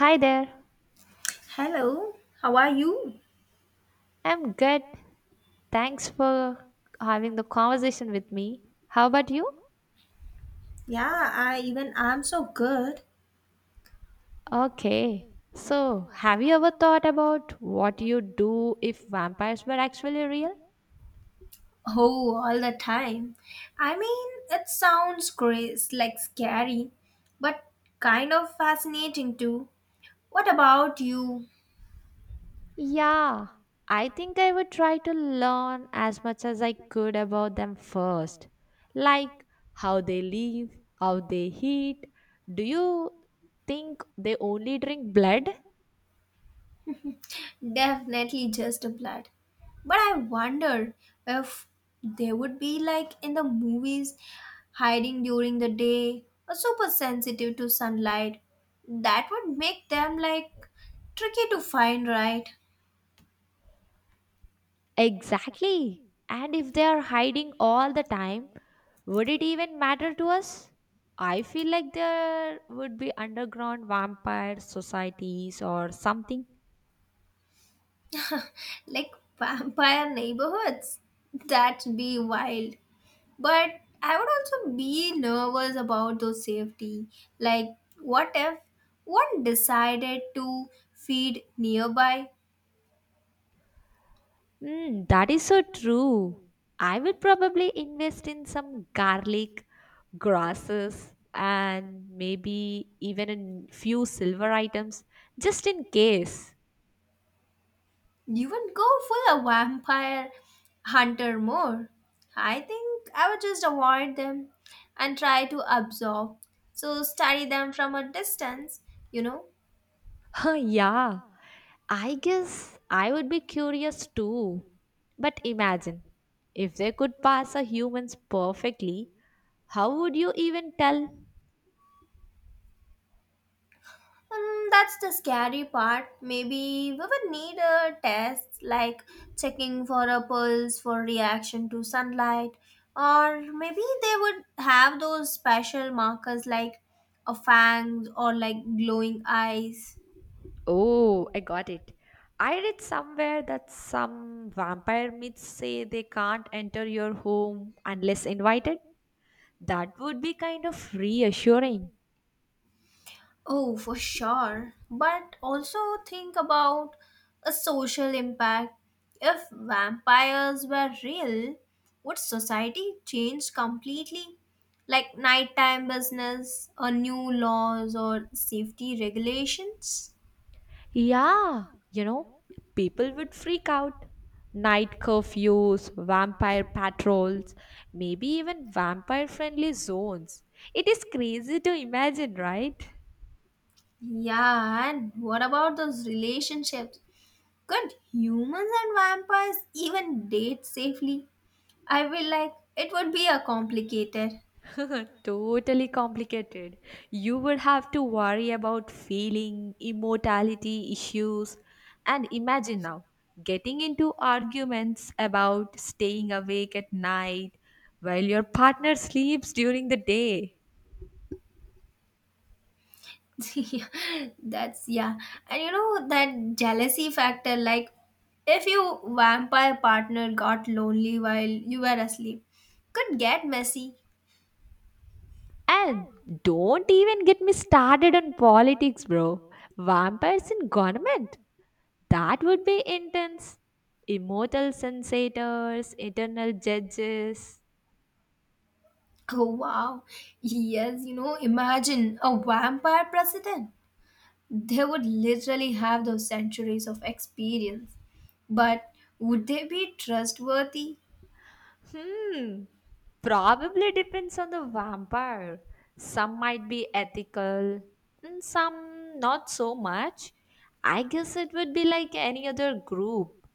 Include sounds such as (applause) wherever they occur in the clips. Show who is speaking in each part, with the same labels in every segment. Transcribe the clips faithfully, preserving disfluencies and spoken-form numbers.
Speaker 1: Hi there.
Speaker 2: Hello, how are you?
Speaker 1: I'm good. Thanks for having the conversation with me. How about you?
Speaker 2: Yeah, I even I'm so good.
Speaker 1: Okay. So, have you ever thought about what you'd do if vampires were actually real?
Speaker 2: Oh, all the time. I mean, it sounds great, like scary, but kind of fascinating too. What about you?
Speaker 1: Yeah, I think I would try to learn as much as I could about them first. Like how they live, how they eat. Do you think they only drink blood?
Speaker 2: Definitely just a blood. But I wonder if they would be like in the movies, hiding during the day or super sensitive to sunlight. That would make them like tricky to find, right?
Speaker 1: Exactly. And if they are hiding all the time, would it even matter to us? I feel like there would be underground vampire societies or something.
Speaker 2: Like vampire neighborhoods, that would be wild, but I would also be nervous about those safety, like what if one decided to feed nearby.
Speaker 1: Mm, that is so true. I would probably invest in some garlic, grasses, and maybe even a few silver items just in case. (laughs)
Speaker 2: You would go full a vampire hunter more. I think I would just avoid them and try to absorb, so study them from a distance, you know
Speaker 1: Huh, yeah. I guess I would be curious too. But imagine, if they could pass a humans perfectly, how would you even tell?
Speaker 2: And that's the scary part. Maybe we would need a test like checking for a pulse for reaction to sunlight, or maybe they would have those special markers like a fangs or like glowing eyes.
Speaker 1: Oh, I got it. I read somewhere that some vampire myths say they can't enter your home unless invited. That would be kind of reassuring.
Speaker 2: Oh, for sure. But also think about a social impact. If vampires were real, would society change completely? Like nighttime business, or new laws, or safety regulations?
Speaker 1: Yeah, you know, people would freak out. Night curfews, vampire patrols, maybe even vampire friendly zones. It is crazy to imagine, right?
Speaker 2: Yeah, and what about those relationships? Could humans and vampires even date safely? I feel like it would be a complicated.
Speaker 1: Totally complicated. You would have to worry about feeling, immortality issues, and imagine now getting into arguments about staying awake at night while your partner sleeps during the day.
Speaker 2: (laughs) Yeah, that's yeah. And you know that jealousy factor, like if your vampire partner got lonely while you were asleep, could get messy. (laughs)
Speaker 1: And don't even get me started on politics, bro. Vampires in government. That would be intense. Immortal sensators, eternal judges.
Speaker 2: Oh wow. Yes, you know, imagine a vampire president. They would literally have those centuries of experience. But would they be trustworthy?
Speaker 1: Hmm. Probably depends on the vampire. Some might be ethical, and some not so much. I guess it would be like any other group,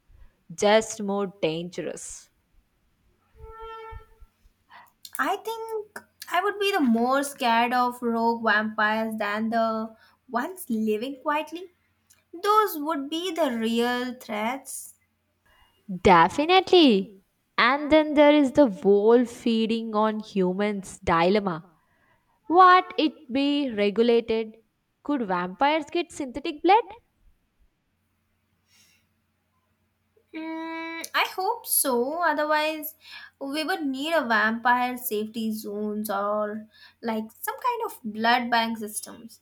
Speaker 1: just more dangerous.
Speaker 2: I think I would be the more scared of rogue vampires than the ones living quietly. Those would be the real threats.
Speaker 1: Definitely. And then there is the whole feeding on humans dilemma. What it be regulated? Could vampires get synthetic blood?
Speaker 2: Mm, I hope so. Otherwise, we would need a vampire safety zones or like some kind of blood bank systems.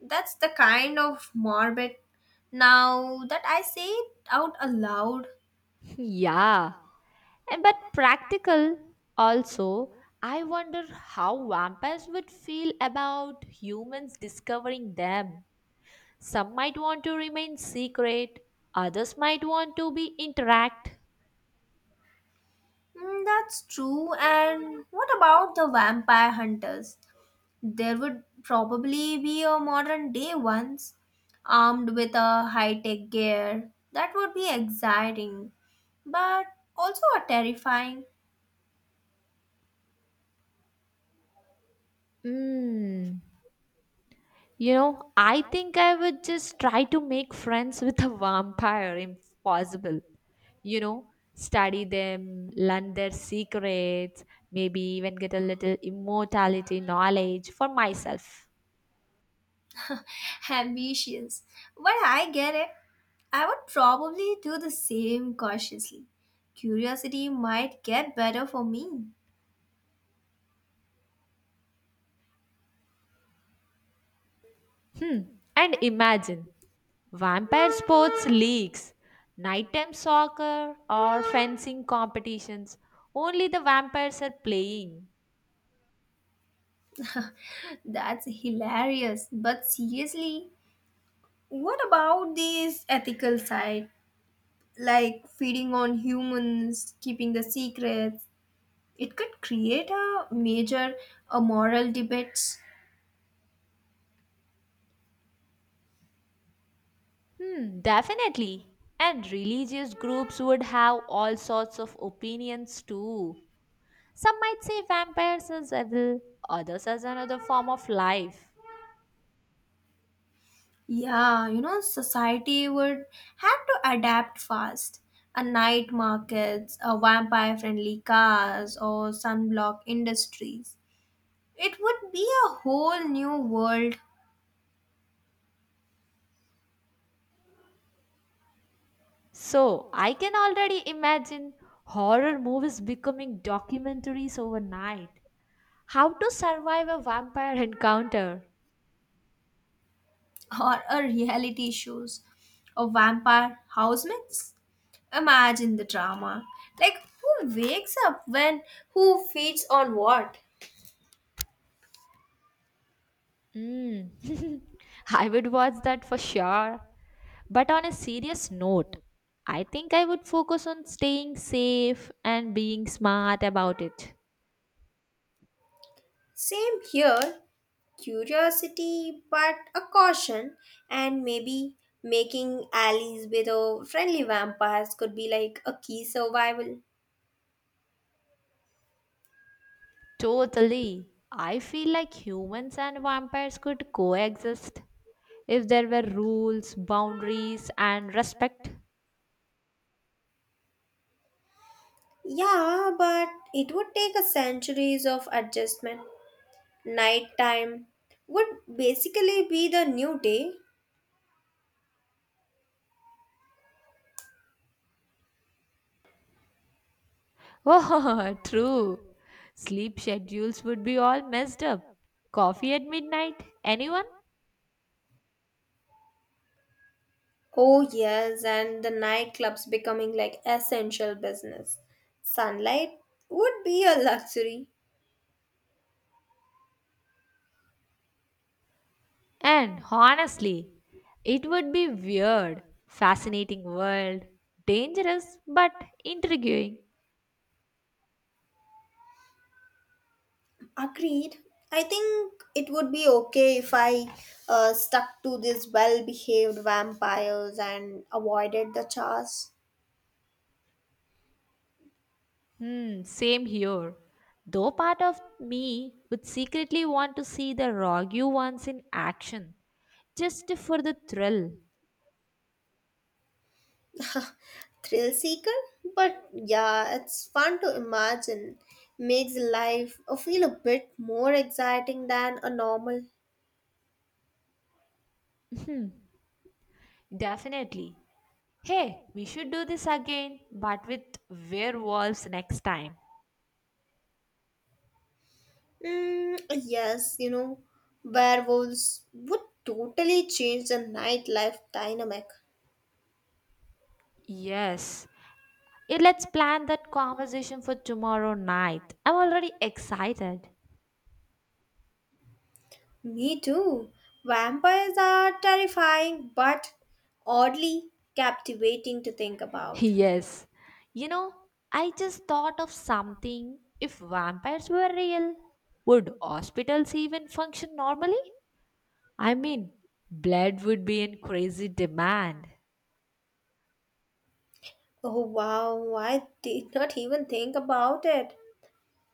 Speaker 2: That's the kind of morbid. Now that I say it out aloud,
Speaker 1: (laughs) Yeah. And but practical also. I wonder how vampires would feel about humans discovering them. Some might want to remain secret, others might want to be interact.
Speaker 2: mm, that's true. And what about the vampire hunters? There would probably be a modern day ones, armed with a high tech gear. That would be exciting, but also a terrifying.
Speaker 1: Hmm. You know, I think I would just try to make friends with a vampire if possible. You know, study them, learn their secrets, maybe even get a little immortality knowledge for myself.
Speaker 2: (laughs) Ambitious. But I get it. I would probably do the same cautiously. Curiosity might get better for me.
Speaker 1: Hmm. And imagine vampire sports leagues, nighttime soccer, or fencing competitions. Only the vampires are playing.
Speaker 2: (laughs) That's hilarious. But seriously, what about this ethical side? Like feeding on humans, keeping the secret, it could create a major uh, moral debates.
Speaker 1: Hmm, definitely. And religious groups would have all sorts of opinions too. Some might say vampires as evil, others as another form of life.
Speaker 2: Yeah, you know society would have to adapt fast. A night markets, a vampire friendly cars or sunblock industries, it would be a whole new world.
Speaker 1: So, I can already imagine horror movies becoming documentaries overnight. How to survive a vampire encounter.
Speaker 2: (laughs) Or a reality shows, a vampire housemates, imagine the drama, like who wakes up when, who feeds on what.
Speaker 1: Mm. (laughs) I would watch that for sure. But on a serious note, I think I would focus on staying safe and being smart about it.
Speaker 2: Same here, curiosity but a caution, and maybe making allies with a friendly vampires could be like a key survival.
Speaker 1: Totally. I feel like humans and vampires could coexist if there were rules, boundaries, and respect.
Speaker 2: Yeah, but it would take a centuries of adjustment. Nighttime would basically be the new day.
Speaker 1: Oh, (laughs) true. Sleep schedules would be all messed up. Coffee at midnight? Anyone?
Speaker 2: Oh yes, and the nightclubs becoming like essential business. Sunlight would be a luxury.
Speaker 1: And honestly, it would be weird, fascinating world, dangerous but intriguing.
Speaker 2: Agreed. I think it would be okay if I uh, stuck to these well behaved vampires and avoided the chas
Speaker 1: Hmm, same here. Though part of me would secretly want to see the Rogue ones in action, just for the thrill.
Speaker 2: thrill seeker. But yeah, it's fun to imagine. Makes life uh, feel a bit more exciting than a normal.
Speaker 1: Definitely. Hey, we should do this again, but with werewolves next time.
Speaker 2: Mm, yes, you know, werewolves would totally change the nightlife dynamic.
Speaker 1: Yes. Eh, let's plan that conversation for tomorrow night. I'm already excited.
Speaker 2: Me too. Vampires are terrifying, but oddly captivating to think
Speaker 1: (laughs)
Speaker 2: about.
Speaker 1: Yes. You know, I just thought of something. If vampires were real, would hospitals even function normally? I mean, blood would be in crazy demand.
Speaker 2: Oh wow, I did not even think about it.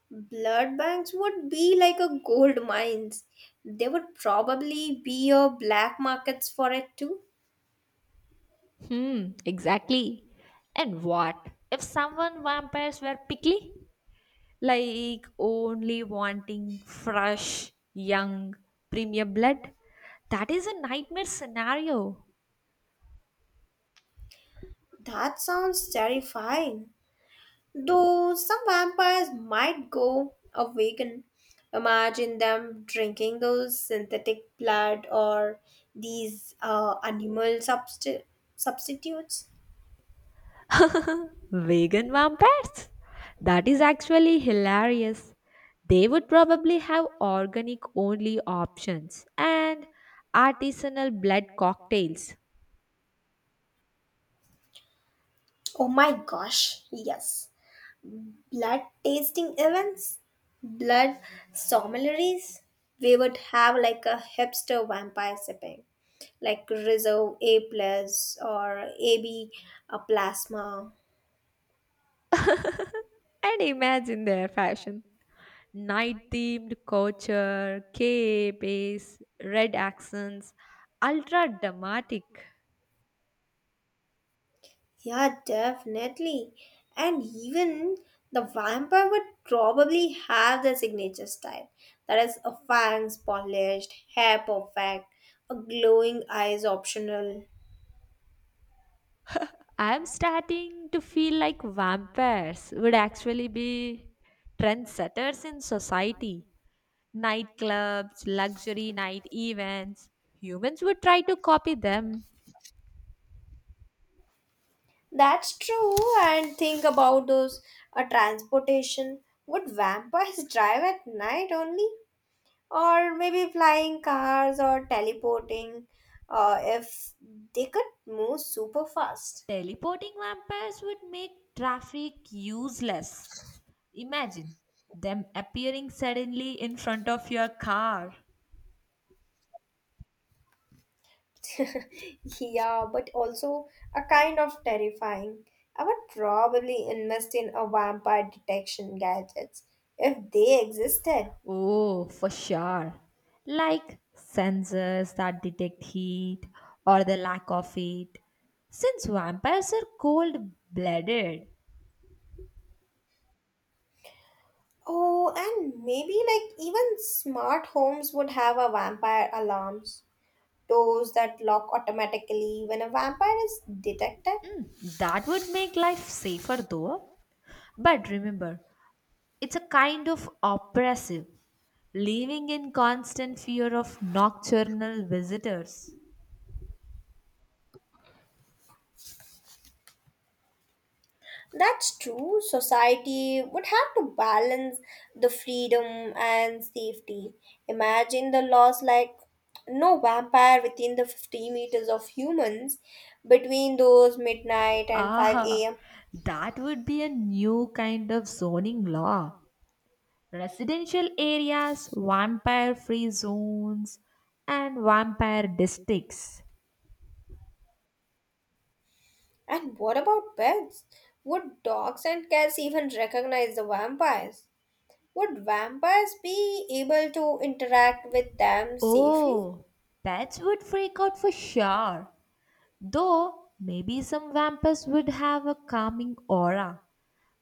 Speaker 2: Blood banks would be like a gold mines. There would probably be a black markets for it too.
Speaker 1: Hmm, exactly. And what if someone vampires were picky? Like only wanting fresh, young, premium blood? That is a nightmare scenario.
Speaker 2: That sounds terrifying. Though some vampires might go a vegan, imagine them drinking those synthetic blood or these uh, animal substi- substitutes.
Speaker 1: Vegan vampires? That is actually hilarious. They would probably have organic only options and artisanal blood cocktails.
Speaker 2: Oh my gosh, yes. Blood tasting events, blood sommeliers. We would have like a hipster vampire sipping, like reserve A plus or A B, a plasma.
Speaker 1: And imagine their fashion. Night themed culture, capes, red accents, ultra dramatic.
Speaker 2: Yeah, definitely. And even the vampire would probably have their signature style. That is a fangs polished, hair perfect, a glowing eyes optional.
Speaker 1: I'm starting to feel like vampires would actually be trendsetters in society. Nightclubs, luxury night events. Humans would try to copy them.
Speaker 2: That's true. And think about those a transportation. Would vampires (laughs) drive at night only? Or maybe flying cars or teleporting, uh, if they could move super fast.
Speaker 1: Teleporting vampires would make traffic useless. Imagine them appearing suddenly in front of your car.
Speaker 2: (laughs) Yeah, but also a kind of terrifying. I would probably invest in a vampire detection gadgets if they existed.
Speaker 1: Oh, for sure. Like sensors that detect heat or the lack of it. Since vampires are cold blooded,
Speaker 2: Oh, and maybe like even smart homes would have a vampire alarms, those that lock automatically when a vampire is detected.
Speaker 1: that would make life safer though. But remember, it's a kind of oppressive, living in constant fear of nocturnal visitors.
Speaker 2: That's true. Society would have to balance the freedom and safety. Imagine the laws like no vampire within the fifty meters of humans between those midnight and 5
Speaker 1: Ah,
Speaker 2: a.m.
Speaker 1: that would be a new kind of zoning law. Residential areas, vampire free zones, and vampire districts.
Speaker 2: And what about pets? Would dogs and cats even recognize the vampires? Would vampires be able to interact with them safely?
Speaker 1: Oh, pets would freak out for sure. Though maybe some vampires would have a calming aura.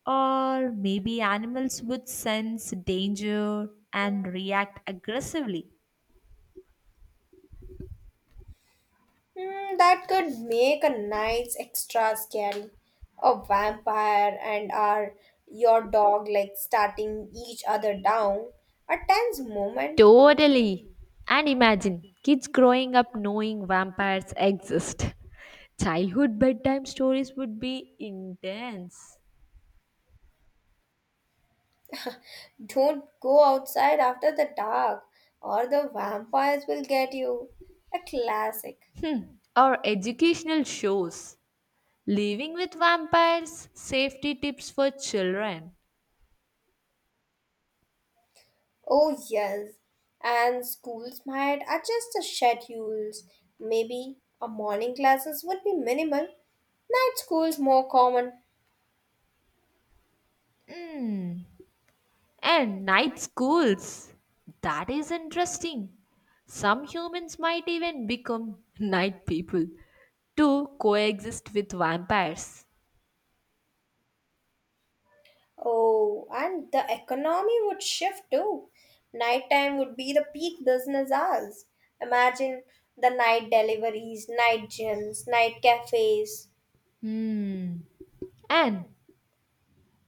Speaker 1: Or maybe animals would sense danger and react aggressively.
Speaker 2: Hmm, that could make a nice extra scary. A vampire and our your dog like starting each other down. A tense moment.
Speaker 1: Totally. And imagine kids growing up knowing vampires exist. (laughs) Childhood bedtime stories would be intense.
Speaker 2: Don't go outside after the dark, or the vampires will get you. A classic.
Speaker 1: Or educational shows. Living with vampires, safety tips for children.
Speaker 2: Oh yes. And schools might adjust the schedules. Maybe a morning classes would be minimal. Night schools more common.
Speaker 1: And night schools. That is interesting. Some humans might even become (laughs) night people to coexist with vampires.
Speaker 2: Oh, and the economy would shift too. Nighttime would be the peak business hours. Imagine the night deliveries, night gyms, night cafes.
Speaker 1: Hmm. And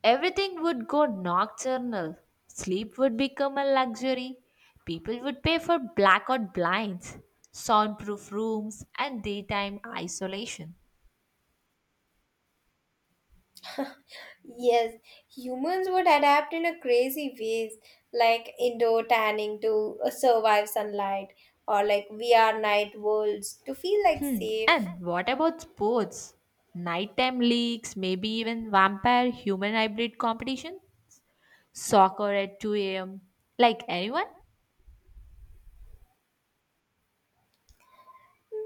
Speaker 1: everything would go nocturnal. Sleep would become a luxury. People would pay for blackout blinds, soundproof rooms, and daytime isolation.
Speaker 2: Yes, humans would adapt in a crazy ways, like indoor tanning to uh, survive sunlight, or like V R night worlds to feel like
Speaker 1: And
Speaker 2: safe.
Speaker 1: what about sports? Nighttime leagues, maybe even vampire human hybrid competition? Soccer at two a m? Like anyone?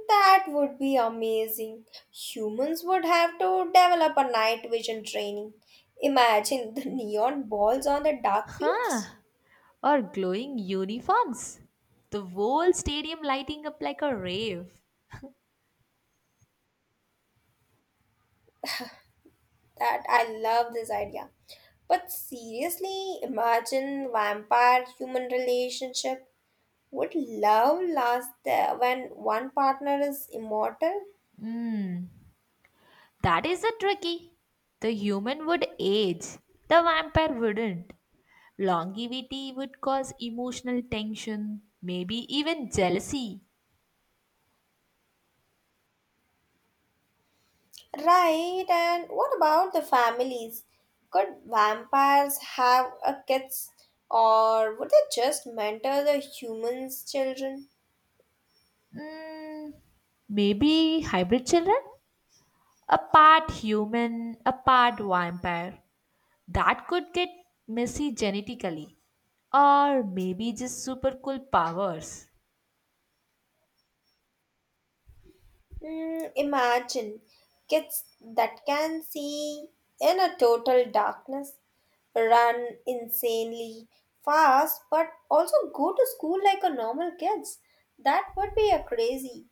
Speaker 2: That would be amazing. Humans would have to develop a night vision training. Imagine the (laughs) neon balls on the dark
Speaker 1: Huh?
Speaker 2: fields.
Speaker 1: Or glowing uniforms? The whole stadium lighting up like a rave.
Speaker 2: That I love this idea. But seriously, imagine vampire human relationship. Would love last there when one partner is immortal?
Speaker 1: That is the tricky. The human would age, the vampire wouldn't. Longevity would cause emotional tension, maybe even jealousy.
Speaker 2: Right, and what about the families? Could vampires have a kids or would they just mentor the humans' children?
Speaker 1: Mm, maybe hybrid children? A part human, a part vampire. That could get messy genetically, or maybe just super cool powers.
Speaker 2: Mm, imagine kids that can see in a total darkness, run insanely fast, but also go to school like a normal kids. That would be a crazy.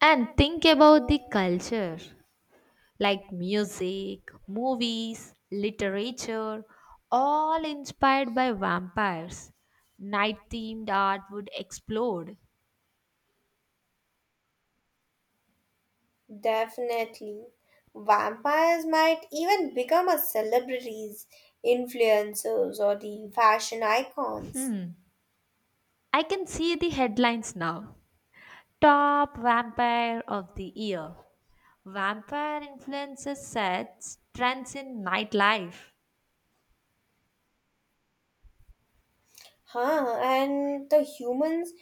Speaker 1: And think about the culture like music, movies, literature, all inspired by vampires. Night themed art would explode.
Speaker 2: Definitely. Vampires might even become a celebrities, influencers, or the fashion icons.
Speaker 1: I can see the headlines now. Top vampire of the year. Vampire influences sets trends in nightlife.
Speaker 2: Huh, and the humans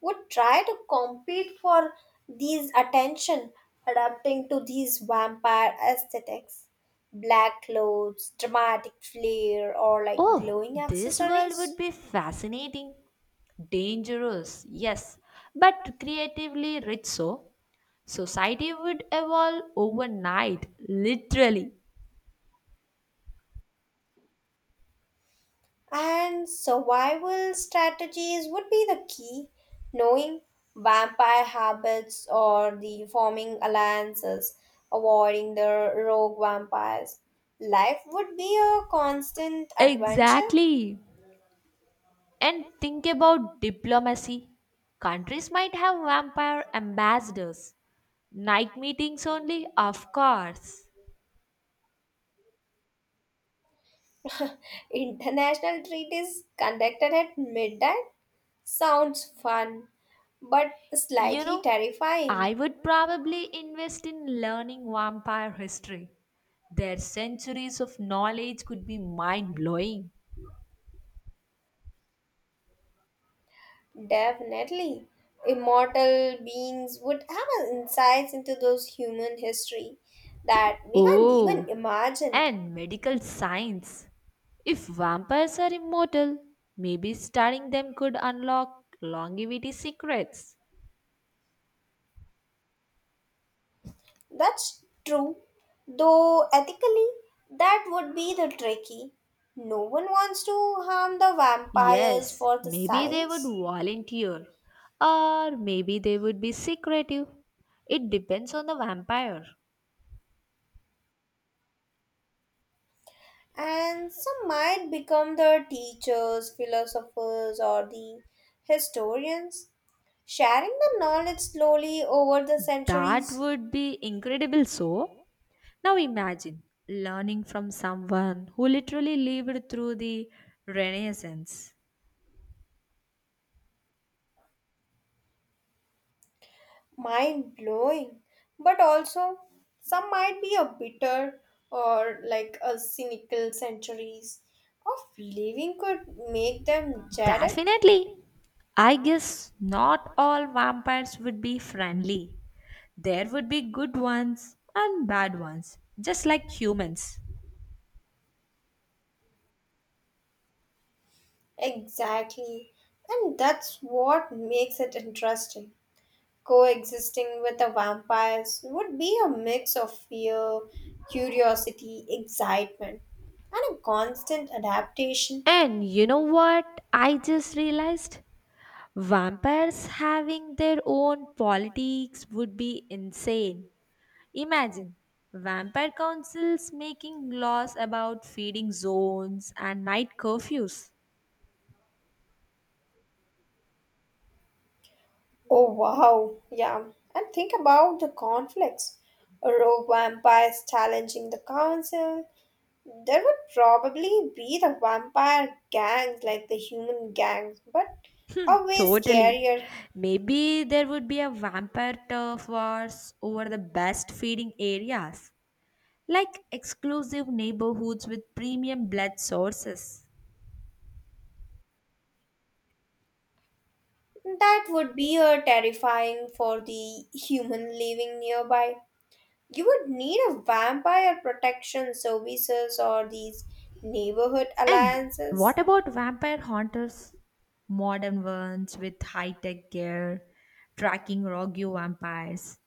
Speaker 2: would try to compete for these attention, adapting to these vampire aesthetics. Black clothes, dramatic flair, or like
Speaker 1: Oh,
Speaker 2: glowing
Speaker 1: this world would
Speaker 2: accessories.
Speaker 1: be fascinating. Dangerous, yes, but creatively rich so. Society would evolve overnight, literally.
Speaker 2: And survival strategies would be the key. Knowing vampire habits or the forming alliances, avoiding the rogue vampires. Life would be a constant adventure.
Speaker 1: Exactly. And think about diplomacy. Countries might have vampire ambassadors. Night meetings only, of course.
Speaker 2: (laughs) International treaties conducted at midnight sounds fun, but
Speaker 1: You
Speaker 2: slightly
Speaker 1: know, I
Speaker 2: terrifying.
Speaker 1: would probably invest in learning vampire history. Their centuries of knowledge could be mind blowing.
Speaker 2: Definitely. Immortal beings would have an insights into those human history that we can't even
Speaker 1: Oh,
Speaker 2: imagine.
Speaker 1: and medical science. If vampires are immortal, maybe studying them could unlock longevity secrets.
Speaker 2: That's true. Though ethically, that would be the tricky. No one wants to harm the vampires
Speaker 1: Yes,
Speaker 2: for the
Speaker 1: maybe they would
Speaker 2: science.
Speaker 1: volunteer, or maybe they would be secretive. It depends on the vampire.
Speaker 2: And some might become the teachers, philosophers, or the historians, sharing the knowledge slowly over the
Speaker 1: That
Speaker 2: centuries.
Speaker 1: would be incredible. So, now imagine learning from someone who literally lived through the Renaissance.
Speaker 2: Mind blowing, but also some might be a bitter or like a cynical. Centuries of living could make them jaded.
Speaker 1: Definitely. I guess not all vampires would be friendly. There would be good ones and bad ones, just like humans.
Speaker 2: Exactly, and that's what makes it interesting. Coexisting with the vampires would be a mix of fear, curiosity, excitement, and a constant adaptation.
Speaker 1: And you know what I just realized? Vampires having their own politics would be insane. Imagine vampire councils making laws about feeding zones and night curfews.
Speaker 2: Oh wow, yeah. And think about the conflicts. A rogue vampires challenging the council. There would probably be the vampire gangs like the human gangs, but always
Speaker 1: Totally.
Speaker 2: scarier.
Speaker 1: Maybe there would be a vampire turf wars over the best feeding areas, like exclusive neighborhoods with premium blood sources.
Speaker 2: That would be a terrifying for the human living nearby. You would need a vampire protection services or these neighborhood
Speaker 1: And
Speaker 2: alliances.
Speaker 1: what about vampire hunters? Modern ones with high tech gear, tracking rogue vampires.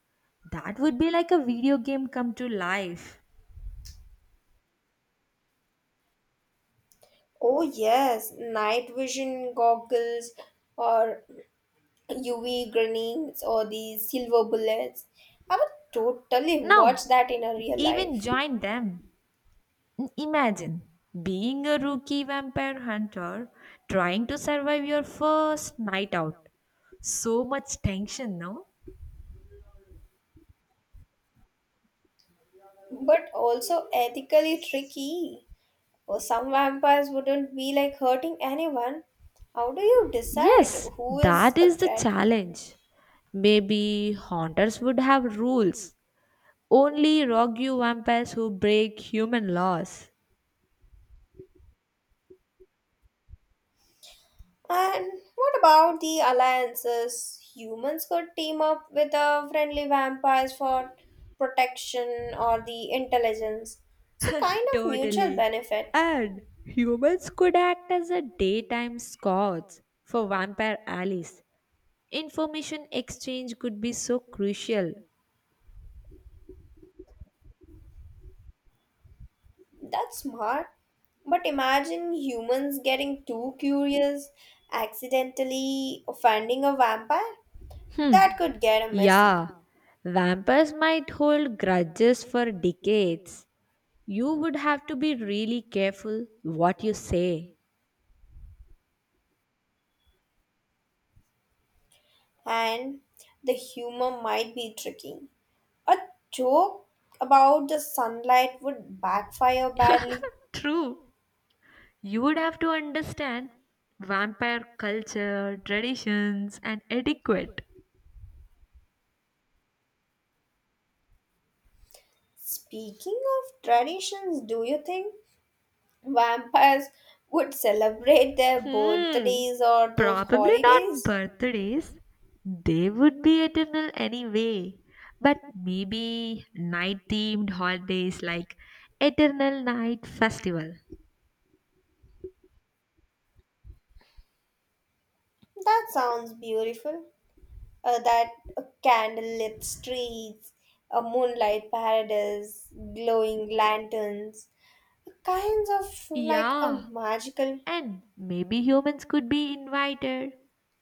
Speaker 1: That would be like a video game come to life.
Speaker 2: Oh yes, night vision goggles or U V grenades or the silver bullets. I would totally watch
Speaker 1: Now,
Speaker 2: that in a real
Speaker 1: even
Speaker 2: life.
Speaker 1: join them. Imagine being a rookie vampire hunter trying to survive your first night out. So much tension, no?
Speaker 2: But also ethically tricky. Or some vampires wouldn't be like hurting anyone. How do you decide
Speaker 1: Yes,
Speaker 2: who is
Speaker 1: that
Speaker 2: a
Speaker 1: is the
Speaker 2: threat?
Speaker 1: challenge. Maybe haunters would have rules. Only rogue you vampires who break human laws.
Speaker 2: And what about the alliances? Humans could team up with the friendly vampires for protection or the intelligence. So kind
Speaker 1: (laughs)
Speaker 2: of mutual
Speaker 1: Totally.
Speaker 2: benefit.
Speaker 1: And humans could act as a daytime scots for vampire alleys. Information exchange could be so crucial.
Speaker 2: That's smart. But imagine humans getting too curious, accidentally offending a vampire. That could get a messy.
Speaker 1: Yeah, vampires might hold grudges for decades. You would have to be really careful what you say.
Speaker 2: And the humor might be tricky. A joke about the sunlight would backfire badly.
Speaker 1: True. You would have to understand vampire culture, traditions, and etiquette.
Speaker 2: Speaking of traditions, do you think vampires would celebrate their
Speaker 1: Hmm.
Speaker 2: birthdays or those
Speaker 1: Probably not
Speaker 2: holidays?
Speaker 1: birthdays. They would be eternal anyway. But maybe night themed holidays like Eternal Night Festival.
Speaker 2: That sounds beautiful. Uh, that uh, candlelit streets, a moonlight paradise, glowing lanterns, kinds of like a
Speaker 1: Yeah.
Speaker 2: magical.
Speaker 1: And maybe humans could be invited.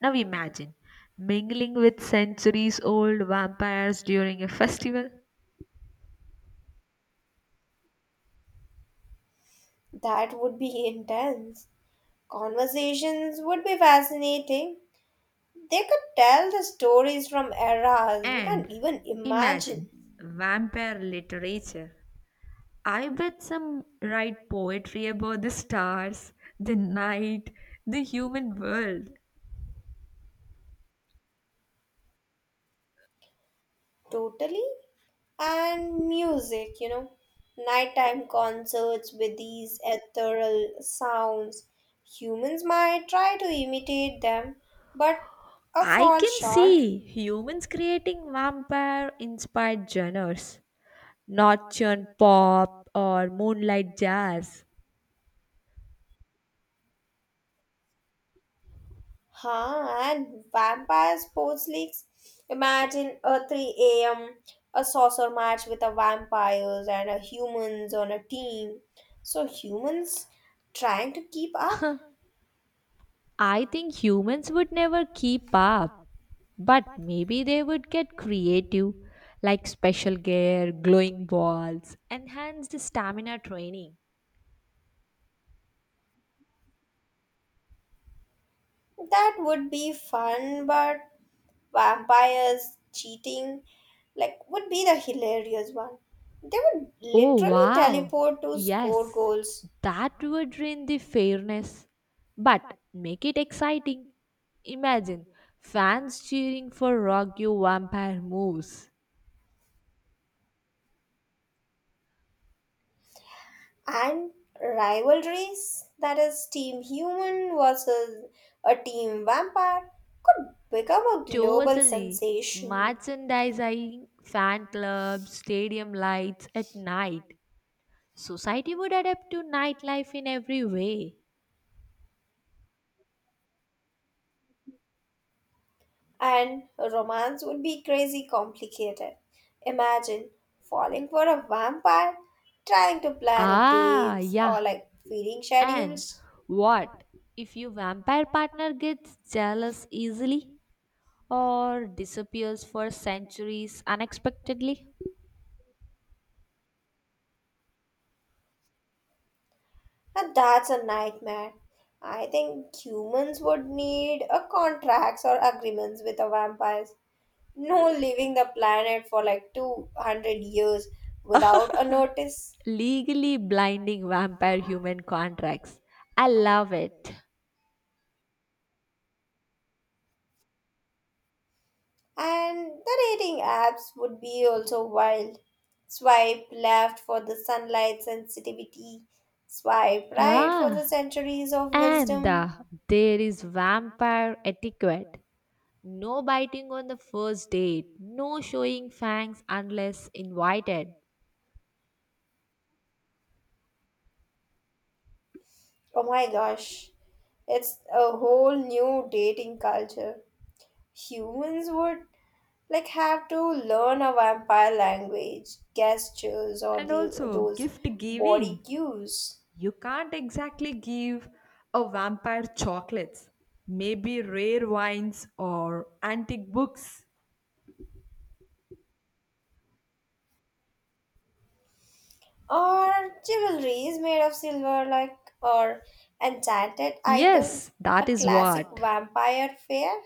Speaker 1: Now imagine mingling with centuries old vampires during a festival.
Speaker 2: That would be (laughs) intense. Conversations would be fascinating. They could tell the stories from eras we
Speaker 1: And
Speaker 2: can't even
Speaker 1: imagine
Speaker 2: imagine.
Speaker 1: vampire literature. I bet some write poetry about the stars, the night, the human world.
Speaker 2: Totally, and music, you know nighttime concerts with these ethereal sounds. Humans might try to imitate them, but a
Speaker 1: I
Speaker 2: fall
Speaker 1: can
Speaker 2: short.
Speaker 1: see humans creating vampire inspired genres, not pop or moonlight jazz.
Speaker 2: Huh, and vampire sports leagues, imagine a three a.m a saucer match with a vampires and a humans on a team, so humans trying to keep up.
Speaker 1: I think humans would never keep up, but maybe they would get creative, like special gear, glowing balls, enhanced stamina training.
Speaker 2: That would be fun, but vampires cheating like would be the hilarious one. They would
Speaker 1: Oh
Speaker 2: literally
Speaker 1: wow!
Speaker 2: teleport to score
Speaker 1: Yes,
Speaker 2: goals.
Speaker 1: that would ruin the fairness, but make it exciting. Imagine fans cheering for Rogue Vampire moves.
Speaker 2: And rivalries, that is team human versus a team vampire, could become a global
Speaker 1: Totally.
Speaker 2: sensation.
Speaker 1: Merchandising, fan clubs, stadium lights at night. Society would adapt to nightlife in every way.
Speaker 2: And romance would be crazy complicated. Imagine falling for a vampire, trying to plan a
Speaker 1: Ah,
Speaker 2: dates or
Speaker 1: yeah.
Speaker 2: like feeding
Speaker 1: And
Speaker 2: schedules.
Speaker 1: what if your vampire partner gets jealous easily, or disappears for centuries unexpectedly?
Speaker 2: And that's a nightmare. I think humans would need a contracts or agreements with the vampires. No leaving the planet for like two hundred years without a notice.
Speaker 1: Legally blinding vampire human contracts. I love it.
Speaker 2: And the dating apps would be also wild. Swipe left for the sunlight sensitivity. Swipe right for the
Speaker 1: Ah,
Speaker 2: centuries of
Speaker 1: and
Speaker 2: wisdom.
Speaker 1: uh, there is vampire etiquette. No biting on the first date, no showing fangs unless invited.
Speaker 2: Oh my gosh. It's a whole new dating culture. Humans would like have to learn a vampire language, gestures, or
Speaker 1: And
Speaker 2: the,
Speaker 1: also,
Speaker 2: those
Speaker 1: gift
Speaker 2: body
Speaker 1: giving.
Speaker 2: cues,
Speaker 1: You can't exactly give a vampire chocolates, maybe rare wines or antique books.
Speaker 2: or jewelry is made of silver, like or enchanted
Speaker 1: Yes,
Speaker 2: items.
Speaker 1: that
Speaker 2: A
Speaker 1: is
Speaker 2: classic
Speaker 1: what.
Speaker 2: vampire fair.